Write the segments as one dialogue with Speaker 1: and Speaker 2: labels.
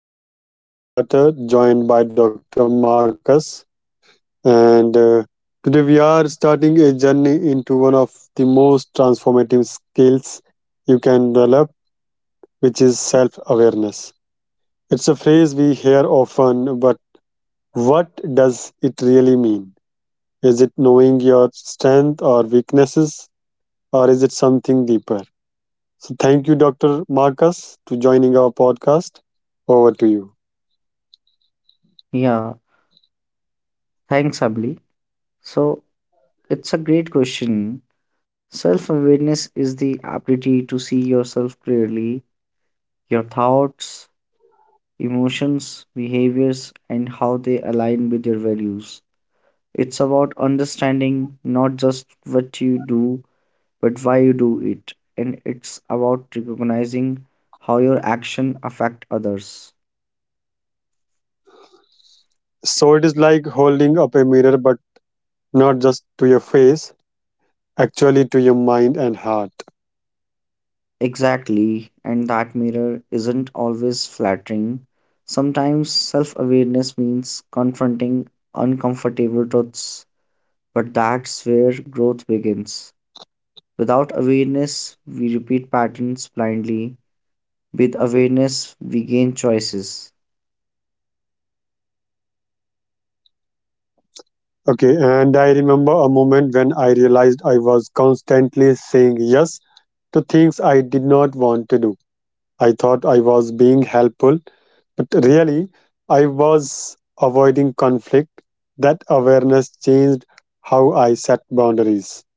Speaker 1: I'm Emily Carter, joined by Dr. Marcus. And Today we are starting a journey into one of the most transformative skills you can develop, which is self awareness. It's a phrase we hear often, but what does it really mean? Is it knowing your strength or weaknesses, or is it something deeper? So, thank you, Dr. Marcus, to joining our podcast. Over to you.
Speaker 2: Yeah, thanks, Abli. So, it's a great question. Self awareness is the ability to see yourself clearly, your thoughts, emotions, behaviors, and how they align with your values. It's about understanding not just what you do, but why you do it. And it's about recognizing how your action affect others.
Speaker 1: So it is like holding up a mirror, but not just to your face, actually to your mind and heart.
Speaker 2: Exactly, and that mirror isn't always flattering. Sometimes self awareness means confronting uncomfortable truths, but that's where growth begins. Without awareness, we repeat patterns blindly. With awareness, we gain choices.
Speaker 1: Okay, and I remember a moment when I realized I was constantly saying yes to things I did not want to do. I thought I was being helpful, but really, I was avoiding conflict. That awareness changed how I set boundaries.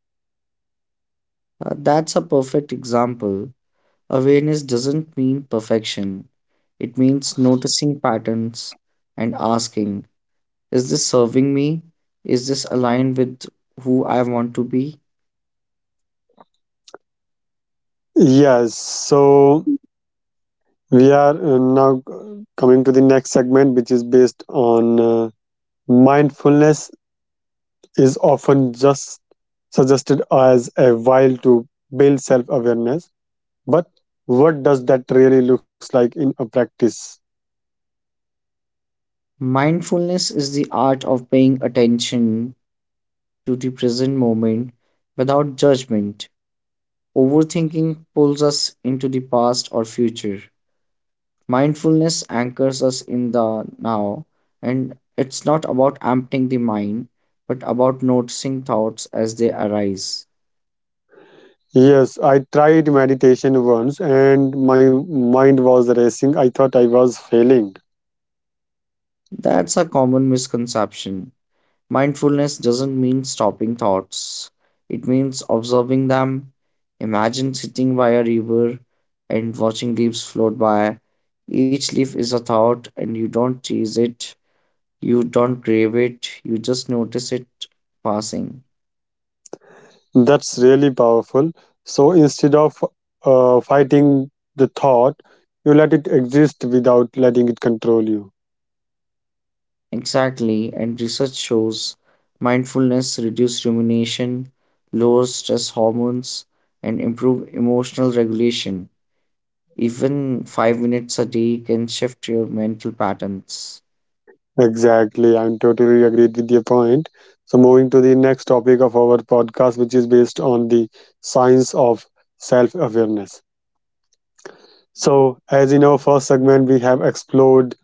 Speaker 2: That's a perfect example. Awareness doesn't mean perfection, it means noticing patterns and asking, is this serving me? Is this aligned with who I want to be?
Speaker 1: Yes, so we are now coming to the next segment, which is based on. Mindfulness is often just suggested as a while to build self awareness, but what does that really looks like in a practice?
Speaker 2: Mindfulness is the art of paying attention to the present moment without judgment. Overthinking pulls us into the past or future. Mindfulness anchors us in the now, and it's not about emptying the mind, but about noticing thoughts as they arise.
Speaker 1: Yes, I tried meditation once and my mind was racing. I thought I was failing.
Speaker 2: That's a common misconception. Mindfulness doesn't mean stopping thoughts, it means observing them. Imagine sitting by a river and watching leaves float by. Each leaf is a thought, and you don't chase it, you don't crave it, you just notice it passing.
Speaker 1: That's really powerful. So instead of fighting the thought, you let it exist without letting it control you.
Speaker 2: Exactly, and research shows mindfulness reduces rumination, lowers stress hormones, and improve emotional regulation. Even 5 minutes a day can shift your mental patterns.
Speaker 1: Exactly. I'm totally agreed with your point. So, moving to the next topic of our podcast, which is based on the science of self awareness. So, as in our first segment, we have explored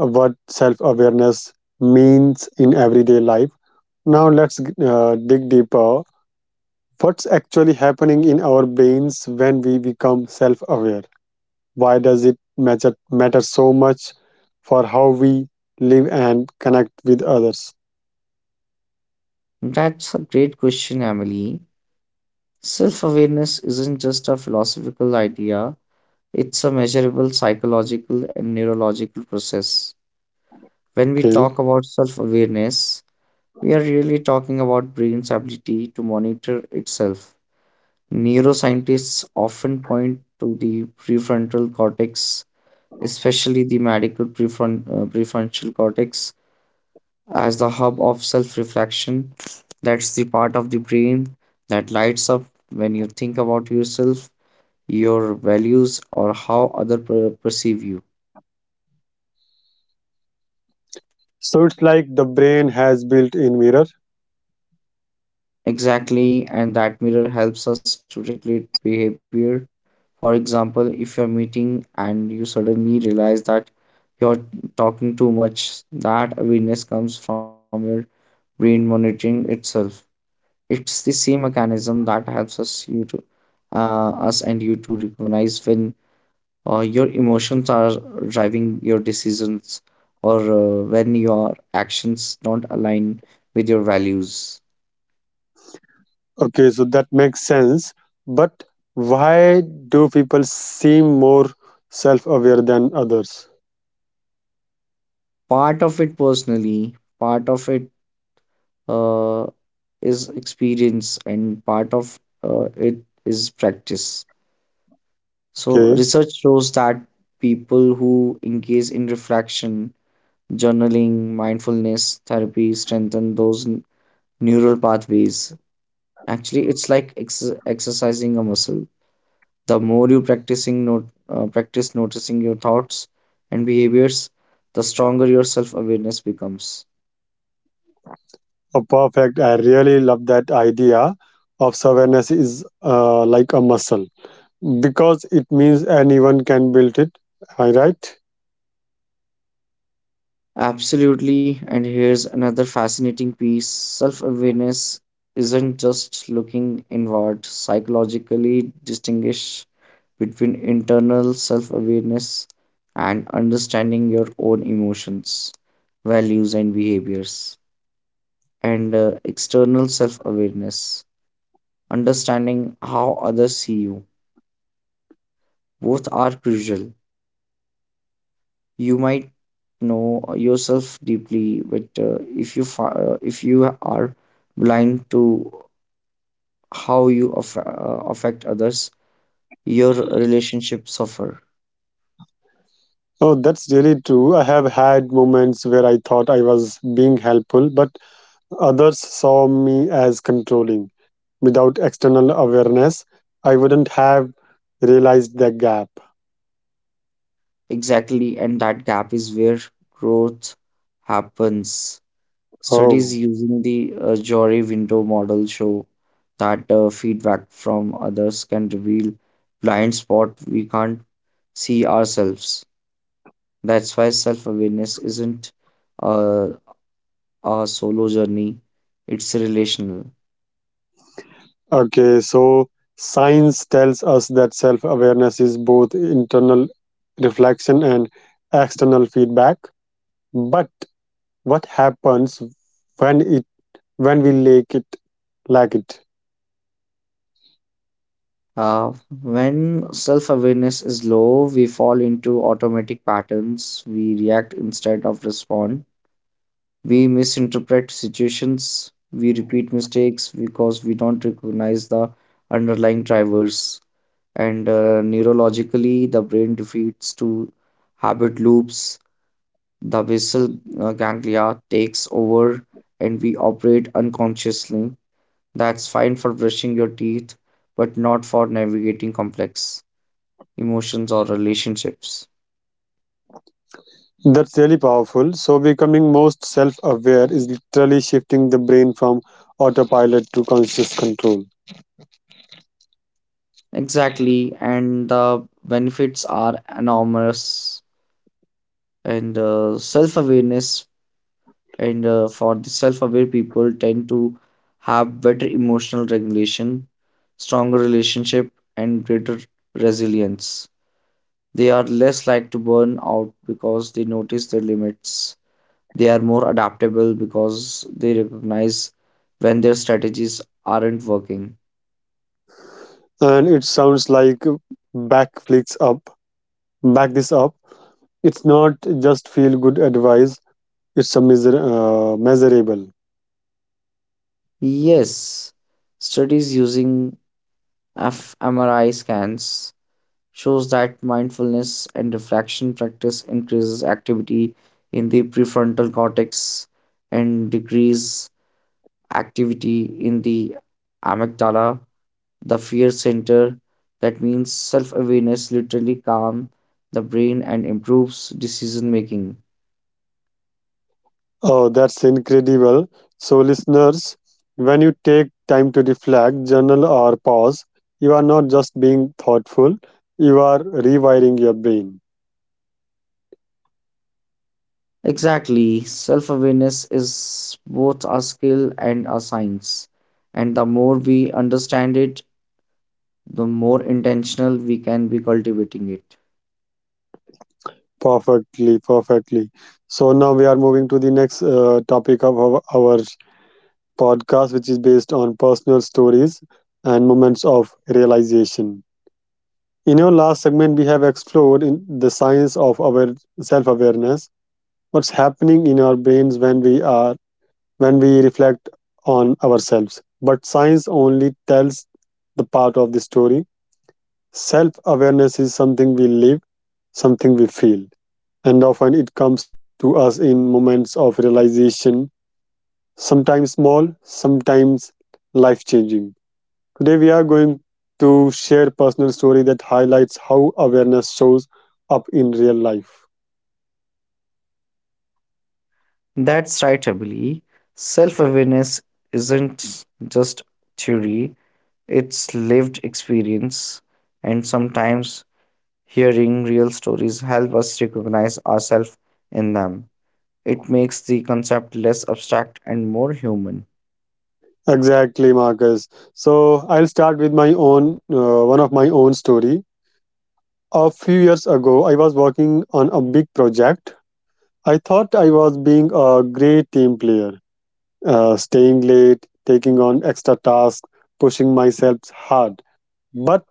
Speaker 1: what self awareness means in everyday life. Now, let's dig deeper. What's actually happening in our brains when we become self aware? Why does it matter so much for how we live and connect with others?
Speaker 2: That's a great question, Emily. Self awareness isn't just a philosophical idea, it's a measurable psychological and neurological process. When we
Speaker 1: Okay.
Speaker 2: talk about self awareness, we are really talking about brain's ability to monitor itself. Neuroscientists often point to the prefrontal cortex, especially the medial prefrontal cortex, as the hub of self reflection. That's the part of the brain that lights up when you think about yourself, your values, or how others perceive you.
Speaker 1: So it's like the brain has built-in mirror.
Speaker 2: Exactly, and that mirror helps us to regulate behavior. For example, if you're meeting and you suddenly realize that you're talking too much, that awareness comes from your brain monitoring itself. It's the same mechanism that helps us and you to recognize when your emotions are driving your decisions or when your actions don't align with your values.
Speaker 1: Okay, so that makes sense. But why do people seem more self-aware than others?
Speaker 2: Part of it personally, part of it uh, is experience, and part of it is practice. So,
Speaker 1: Okay,
Speaker 2: research shows that people who engage in reflection journaling, mindfulness therapy strengthen those neural pathways. Actually, it's like exercising a muscle. The more you practicing not- practice noticing your thoughts and behaviors, the stronger your self awareness becomes.
Speaker 1: oh, perfect. I really love that idea of self awareness is like a muscle because it means anyone can build it. Am I right?
Speaker 2: Absolutely, and here's another fascinating piece. Self awareness isn't just looking inward, psychologically distinguish between internal self awareness and understanding your own emotions, values, and behaviors, and external self awareness, understanding how others see you. Both are crucial. You might know yourself deeply, but if you are blind to how you affect others, your relationships suffer.
Speaker 1: Oh, that's really true. I have had moments where I thought I was being helpful, but others saw me as controlling. Without external awareness, I wouldn't have realized the gap.
Speaker 2: Exactly, and that gap is where growth happens. Studies
Speaker 1: Oh,
Speaker 2: using the jury window model show that feedback from others can reveal blind spot we can't see ourselves. That's why self-awareness isn't uh, a solo journey, it's relational.
Speaker 1: okay. So science tells us that self awareness is both internal reflection and external feedback. But what happens when it when we lack it?
Speaker 2: Uh, when self-awareness is low, we fall into automatic patterns. We react instead of respond, we misinterpret situations, we repeat mistakes because we don't recognize the underlying drivers. And neurologically, the brain defeats to habit loops, the basal ganglia takes over, and we operate unconsciously. That's fine for brushing your teeth, but not for navigating complex emotions or relationships.
Speaker 1: That's really powerful. So becoming most self aware is literally shifting the brain from autopilot to conscious control.
Speaker 2: Exactly, and the benefits are enormous, and self awareness and for the self aware people tend to have better emotional regulation, stronger relationship, and greater resilience. They are less like to burn out because they notice their limits. They are more adaptable because they recognize when their strategies aren't working.
Speaker 1: And it sounds like back flicks up back this up. It's not just feel good advice, it's a measurable.
Speaker 2: Yes, studies using fMRI scans shows that mindfulness and reflection practice increases activity in the prefrontal cortex and decrease activity in the amygdala, the fear center. That means self awareness literally calm the brain and improves decision making.
Speaker 1: Oh, that's incredible. So listeners, when you take time to reflect journal or pause, you are not just being thoughtful, you are rewiring your brain.
Speaker 2: Exactly, self awareness is both a skill and a science, and the more we understand it, the more intentional we can be cultivating it.
Speaker 1: Perfectly, perfectly. So now we are moving to the next topic of our podcast, which is based on personal stories and moments of realization. In our last segment, we have explored in the science of our self awareness, what's happening in our brains when we are when we reflect on ourselves. But science only tells the part of the story. Self awareness is something we live, something we feel, and often it comes to us in moments of realization, sometimes small, sometimes life changing. Today, we are going to share personal story that highlights how awareness shows up in real life.
Speaker 2: That's right, Abili. Self awareness isn't just theory, it's lived experience. And sometimes hearing real stories help us recognize ourselves in them. It makes the concept less abstract and more human.
Speaker 1: Exactly, Marcus. So I'll start with my own one of my own story. A few years ago, I was working on a big project. I thought I was being a great team player, staying late, taking on extra tasks, pushing myself hard. But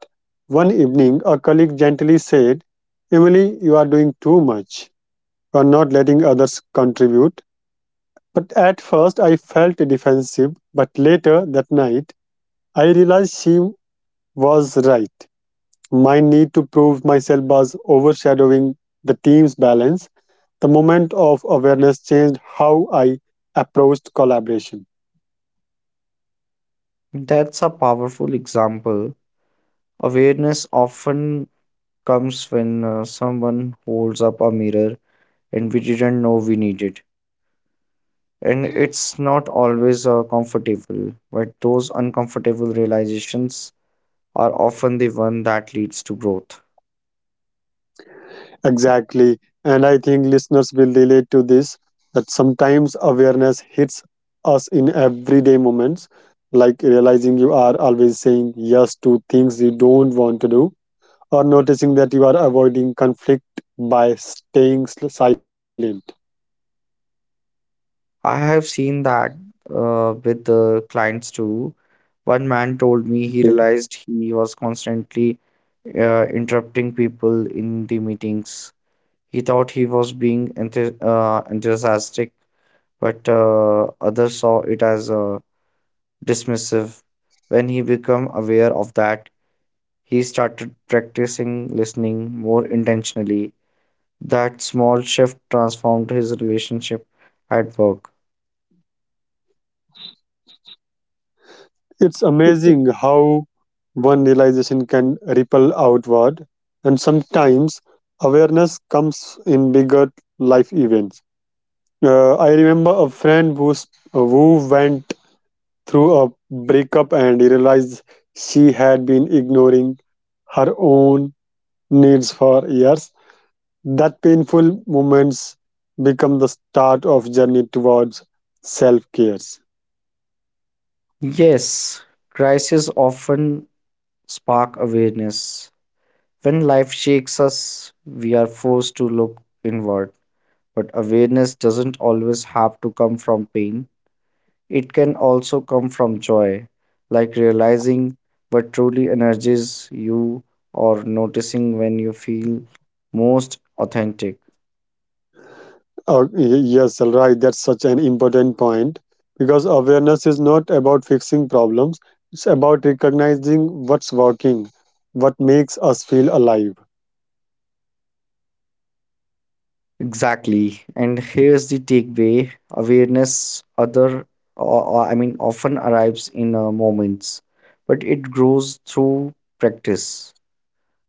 Speaker 1: one evening, a colleague gently said, "Emily, you are doing too much." Were not letting others contribute. But at first, I felt defensive, but later that night, I realized she was right. My need to prove myself was overshadowing the team's balance. The moment of awareness changed how I approached collaboration.
Speaker 2: That's a powerful example. Awareness often comes when someone holds up a mirror and we didn't know we needed. And it's not always comfortable, but those uncomfortable realizations are often the one that leads to growth.
Speaker 1: Exactly. And I think listeners will relate to this that sometimes awareness hits us in everyday moments, like realizing you are always saying yes to things you don't want to do, or noticing that you are avoiding conflict by silent.
Speaker 2: I have seen that with the clients too. One man told me he
Speaker 1: Okay.
Speaker 2: realized he was constantly interrupting people in the meetings. He thought he was being enthusiastic, but others saw it as dismissive. When he became aware of that, he started practicing listening more intentionally. That small shift transformed his relationship at work.
Speaker 1: It's amazing how one realization can ripple outward, and sometimes awareness comes in bigger life events. I remember a friend who went through a breakup and realized she had been ignoring her own needs for years. That painful moments become the start of journey towards self-care.
Speaker 2: Yes, crises often spark awareness. When life shakes us, we are forced to look inward. But awareness doesn't always have to come from pain, it can also come from joy, like realizing what truly energizes you or noticing when you feel most authentic.
Speaker 1: Oh, yes, all right. That's such an important point because awareness is not about fixing problems. It's about recognizing what's working, what makes us feel alive.
Speaker 2: Exactly. And here's the takeaway: awareness, other, or- I mean, often arrives in moments, but it grows through practice.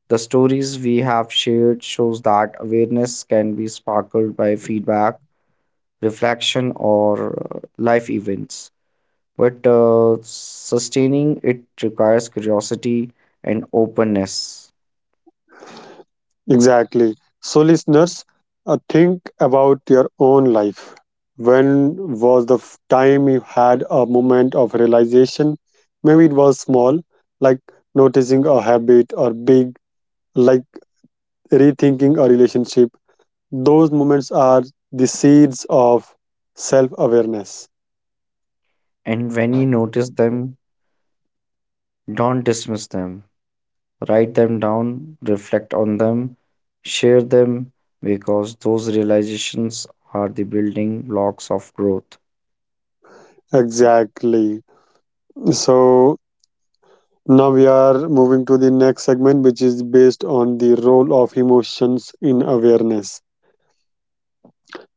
Speaker 2: The stories we have shared shows that awareness can be sparkled by feedback, reflection, or life events. But sustaining it requires curiosity and openness.
Speaker 1: Exactly. So, listeners, think about your own life. When was time you had a moment of realization? Maybe it was small, like noticing a habit, or big, like rethinking a relationship. Those moments are the seeds of self awareness.
Speaker 2: And when you notice them, don't dismiss them. Write them down, reflect on them, share them, because those realizations are the building blocks of growth.
Speaker 1: Exactly. So, now we are moving to the next segment, which is based on the role of emotions in awareness.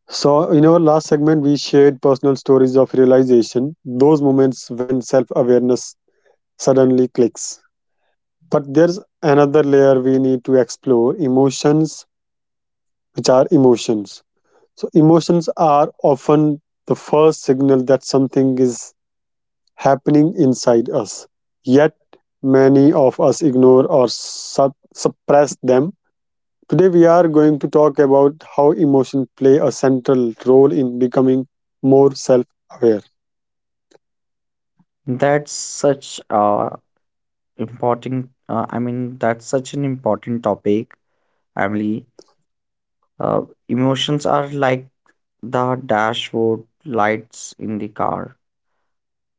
Speaker 1: So, in our last segment, we shared personal stories of realization, those moments when self awareness suddenly clicks. But there's another layer we need to explore emotions, which are emotions. So, emotions are often the first signal that something is happening inside us. Yet, many of us ignore or suppress them. Today, we are going to talk about how emotions play a central role in becoming more self aware.
Speaker 2: That's such a important, I mean, that's such an important topic, Emily. Uh, emotions are like the dashboard lights in the car.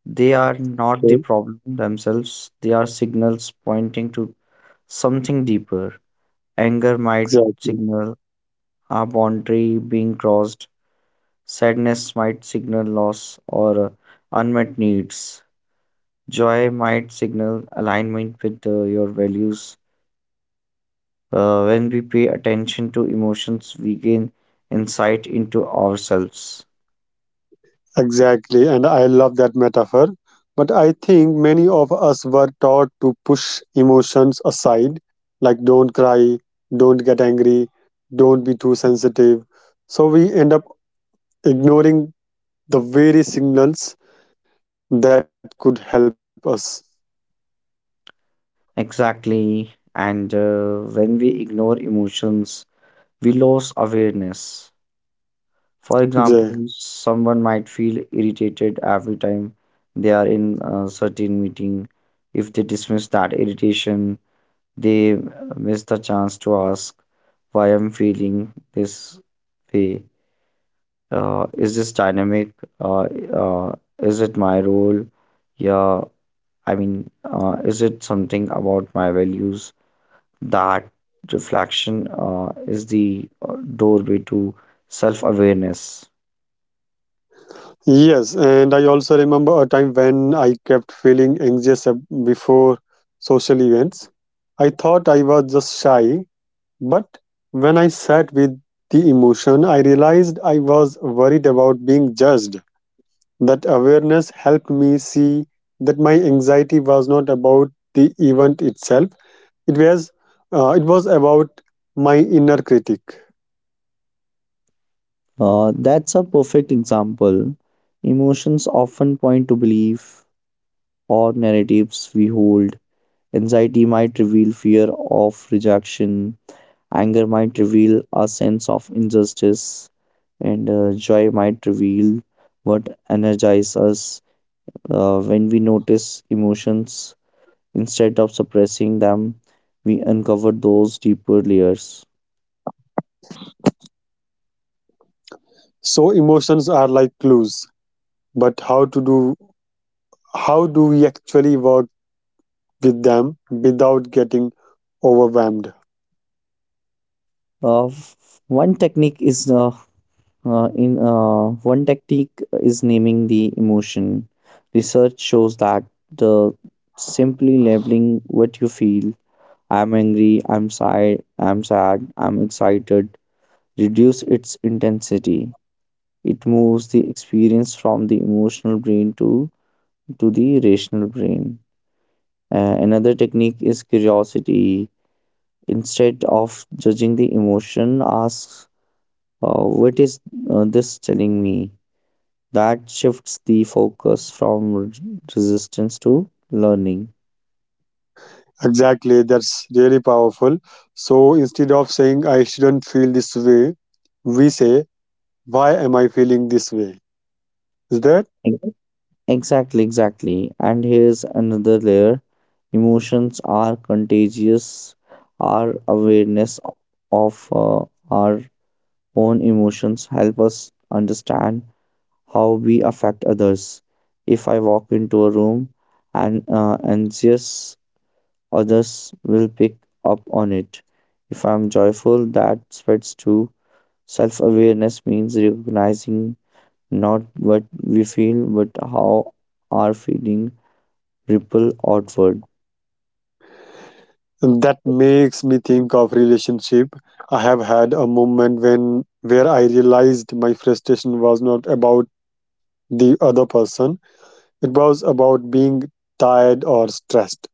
Speaker 2: They are not the
Speaker 1: Okay,
Speaker 2: problem themselves, they are signals pointing to something deeper. Anger might
Speaker 1: exactly.
Speaker 2: signal a boundary being crossed. Sadness might signal loss or unmet needs. Joy might signal alignment with your values. When we pay attention to emotions, we gain insight into ourselves.
Speaker 1: Exactly. And I love that metaphor. But I think many of us were taught to push emotions aside, like don't cry, don't get angry, don't be too sensitive. So we end up ignoring the very signals that could help us.
Speaker 2: Exactly. And when we ignore emotions, we lose awareness. For
Speaker 1: Jay.
Speaker 2: example, someone might feel irritated every time they are in a certain meeting. If they dismiss that irritation, they miss the chance to ask why I'm feeling this way. Is this dynamic? Uh, uh, is it my role? Yeah, I mean, is it something about my values? That reflection is the doorway to self awareness.
Speaker 1: Yes, and I also remember a time when I kept feeling anxious before social events. I thought I was just shy, but when I sat with the emotion, I realized I was worried about being judged. That awareness helped me see that my anxiety was not about the event itself. It was, it was about my inner critic.
Speaker 2: That's a perfect example. Emotions often point to belief or narratives we hold. Anxiety might reveal fear of rejection, anger might reveal a sense of injustice, and joy might reveal what energizes us. When we notice emotions instead of suppressing them, we uncover those deeper layers.
Speaker 1: So emotions are like clues, but how do we actually work with them without getting overwhelmed?
Speaker 2: F- one technique is in one technique is naming the emotion. Research shows that the simply labeling what you feel, I'm angry, I'm sad, I'm excited, reduce its intensity. It moves the experience from the emotional brain to the rational brain. Another technique is curiosity. Instead of judging the emotion, ask, what is this telling me? That shifts the focus from resistance to learning.
Speaker 1: Exactly, that's really powerful. So instead of saying I shouldn't feel this way, we say why am I feeling this way? Is that
Speaker 2: Exactly, exactly. And here's another layer: emotions are contagious. Our awareness of our own emotions help us understand how we affect others. If I walk into a room and anxious, others will pick up on it. If I'm joyful, that spreads too. Self awareness means recognizing not what we feel, but how our feeling ripple outward.
Speaker 1: that makes me think of relationship. I have had a moment when where I realized my frustration was not about the other person. It was about being tired or stressed.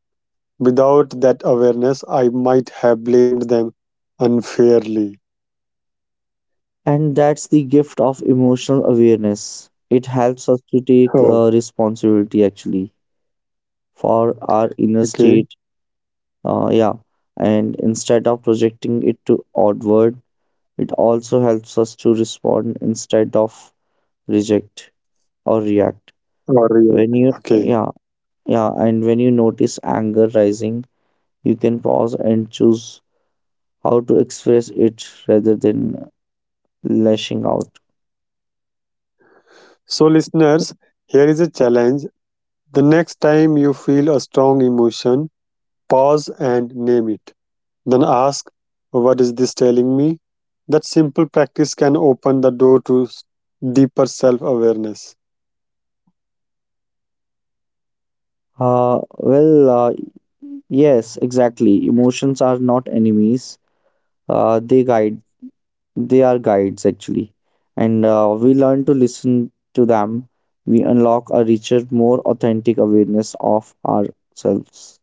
Speaker 1: Without that awareness, I might have blamed them unfairly.
Speaker 2: And that's the gift of emotional awareness. It helps us to
Speaker 1: Oh,
Speaker 2: take responsibility actually for our inner
Speaker 1: okay.
Speaker 2: state. Uh, yeah. And instead of projecting it to outward, it also helps us to respond instead of reject or react.
Speaker 1: Or
Speaker 2: When
Speaker 1: react.
Speaker 2: you,
Speaker 1: Okay.
Speaker 2: yeah, yeah, and when you notice anger rising, you can pause and choose how to express it rather than lashing out.
Speaker 1: So, listeners, here is a challenge. The next time you feel a strong emotion, pause and name it. Then ask, what is this telling me? That simple practice can open the door to deeper self awareness.
Speaker 2: Uh, well, uh, yes, exactly. Emotions are not enemies. Uh, they guide. They are guides actually, and we learn to listen to them. We unlock a richer, more authentic awareness of ourselves.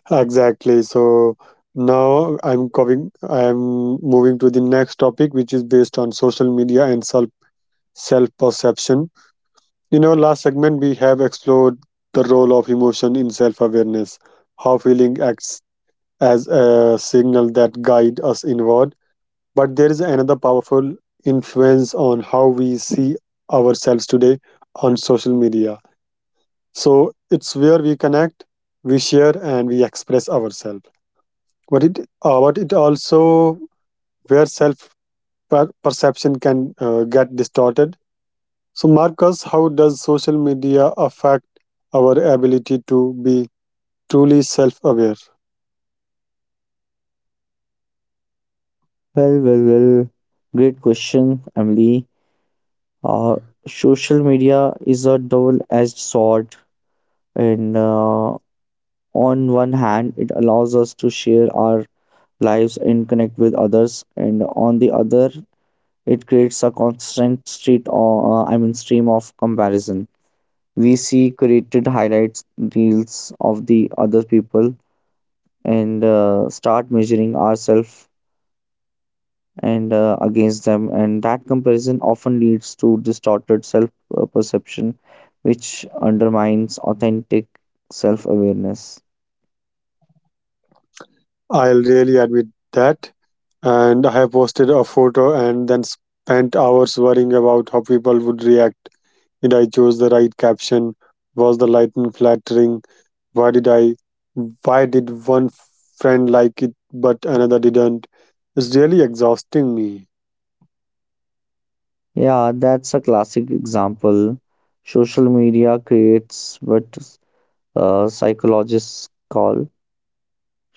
Speaker 1: Exactly. So, now I'm moving to the next topic, which is based on social media and self perception. In our last segment, we have explored the role of emotion in self awareness, how feeling acts as a signal that guide us inward, but there is another powerful influence on how we see ourselves today on social media. So it's where we connect, we share and we express ourselves, but it also where perception can get distorted. So Marcus, how does social media affect our ability to be truly self aware?
Speaker 2: Well, well, well. Great question, Emily. uh, Social media is a double-edged sword, and on one hand it allows us to share our lives and connect with others, and on the other it creates a constant street or I mean stream of comparison. We see curated highlights reels of the other people, and start measuring ourselves and against them, and that comparison often leads to distorted self perception, which undermines authentic self awareness.
Speaker 1: I'll really admit that. And I have posted a photo and then spent hours worrying about how people would react. Did I choose the right caption? Was the lighting flattering? Why did I? Why did one friend like it but another didn't? It's really exhausting me.
Speaker 2: Yeah, that's a classic example. Social media creates what psychologists call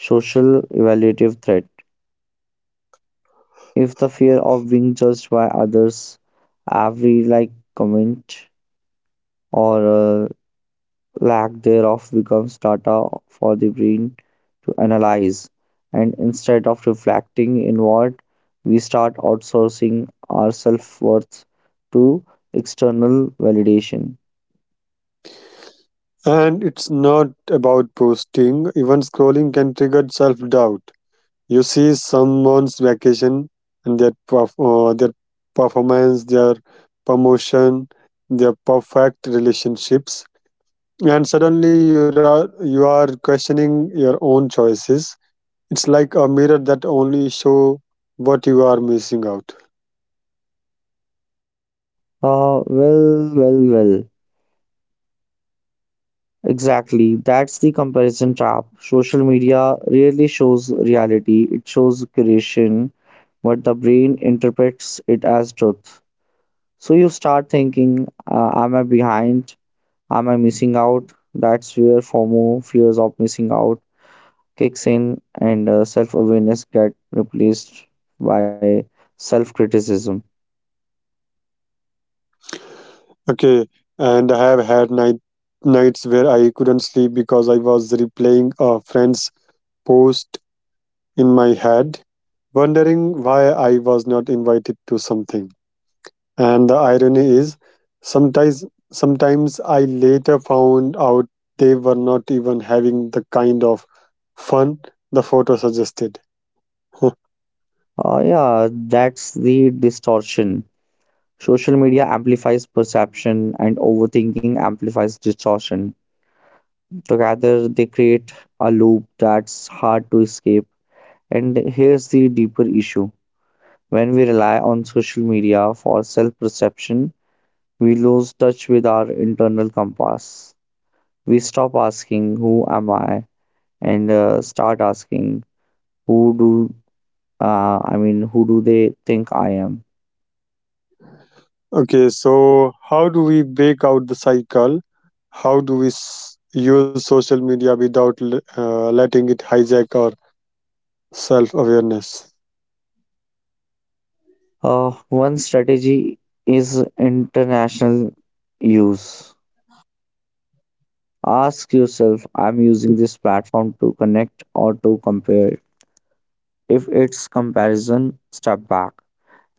Speaker 2: social evaluative threat, if the fear of being judged by others. Every like, comment, or uh, lack thereof becomes data for the brain to analyze. And instead of reflecting inward, we start outsourcing our self worth to external validation.
Speaker 1: And it's not about posting. Even scrolling can trigger self doubt. You see someone's vacation and their performance, their promotion, their perfect relationships, and suddenly you are questioning your own choices. It's like a mirror that only show what you are missing out.
Speaker 2: Uh, well, well, well. Exactly. That's the comparison trap. Social media rarely shows reality, it shows curation, but the brain interprets it as truth. So you start thinking, am I behind? Am I missing out? That's where FOMO, fears of missing out, kicks in, and self awareness get replaced by self criticism.
Speaker 1: Okay, and I have had nights where I couldn't sleep because I was replaying a friend's post in my head, wondering why I was not invited to something. And the irony is, sometimes sometimes I later found out they were not even having the kind of fun the photo suggested.
Speaker 2: Uh, yeah, that's the distortion. Social media amplifies perception, and overthinking amplifies distortion. Together, they create a loop that's hard to escape. And here's the deeper issue: when we rely on social media for self perception, we lose touch with our internal compass. We stop asking who am I, and start asking who do who do they think I am.
Speaker 1: Okay, so how do we break out the cycle? How do we use social media without letting it hijack our self awareness?
Speaker 2: uh, One strategy is international use. Ask yourself, I'm using this platform to connect or to compare? If it's comparison, step back.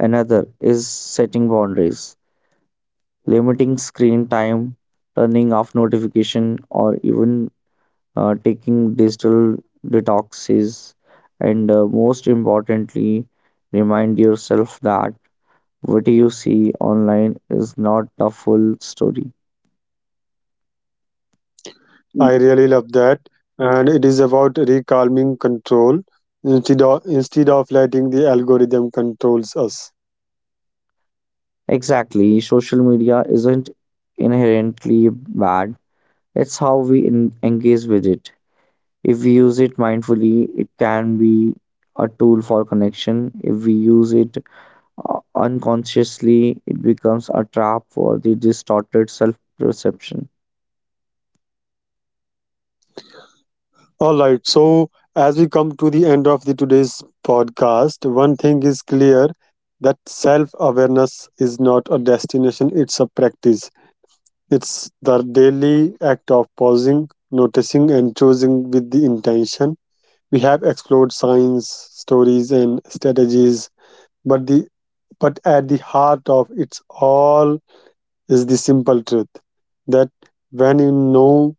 Speaker 2: Another is setting boundaries, limiting screen time, turning off notification, or even taking digital detoxes, and most importantly, remind yourself that what you see online is not the full story.
Speaker 1: I really love that, and it is about recalming control instead of letting the algorithm controls us.
Speaker 2: Exactly, social media isn't inherently bad, it's how we engage with it. If we use it mindfully, it can be a tool for connection. If we use it unconsciously, it becomes a trap for the distorted self perception.
Speaker 1: All right. So as we come to the end of the today's podcast, one thing is clear that self-awareness is not a destination, it's a practice. It's the daily act of pausing, noticing and choosing with the intention. We have explored signs, stories and strategies, but the but at the heart of it's all is the simple truth that when you know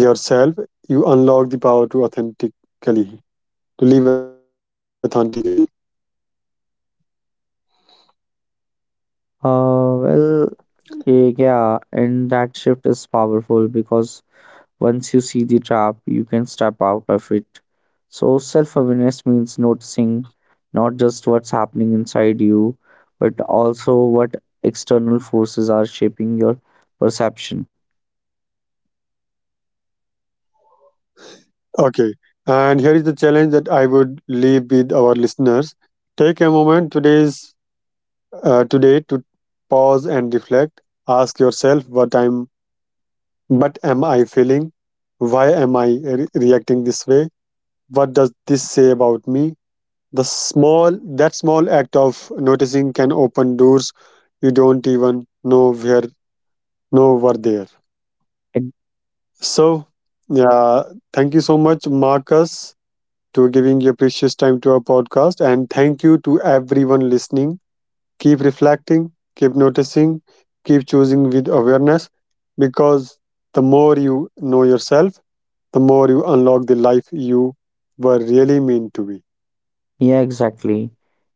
Speaker 1: yourself, you unlock the power to authentically, to live authentically.
Speaker 2: Uh, well, yeah, and that shift is powerful because once you see the trap, you can step out of it. So, self awareness means noticing not just what's happening inside you, but also what external forces are shaping your perception.
Speaker 1: Okay. And here is the challenge that I would leave with our listeners. Take a moment today to pause and reflect. Ask yourself what am I feeling? Why am I reacting this way? What does this say about me? The small That small act of noticing can open doors you don't even know were there.
Speaker 2: Ex-
Speaker 1: So, yeah, thank you so much, Marcus, to giving your precious time to our podcast. And thank you to everyone listening. Keep reflecting, keep noticing, keep choosing with awareness because the more you know yourself, the more you unlock the life you were really meant to be.
Speaker 2: Yeah, exactly.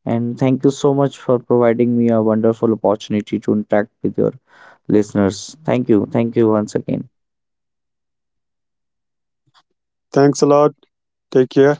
Speaker 2: And thank you so much for providing me a wonderful opportunity to interact with your listeners. Thank you. Thank you once again.
Speaker 1: Thanks a lot. Take care. Bye bye.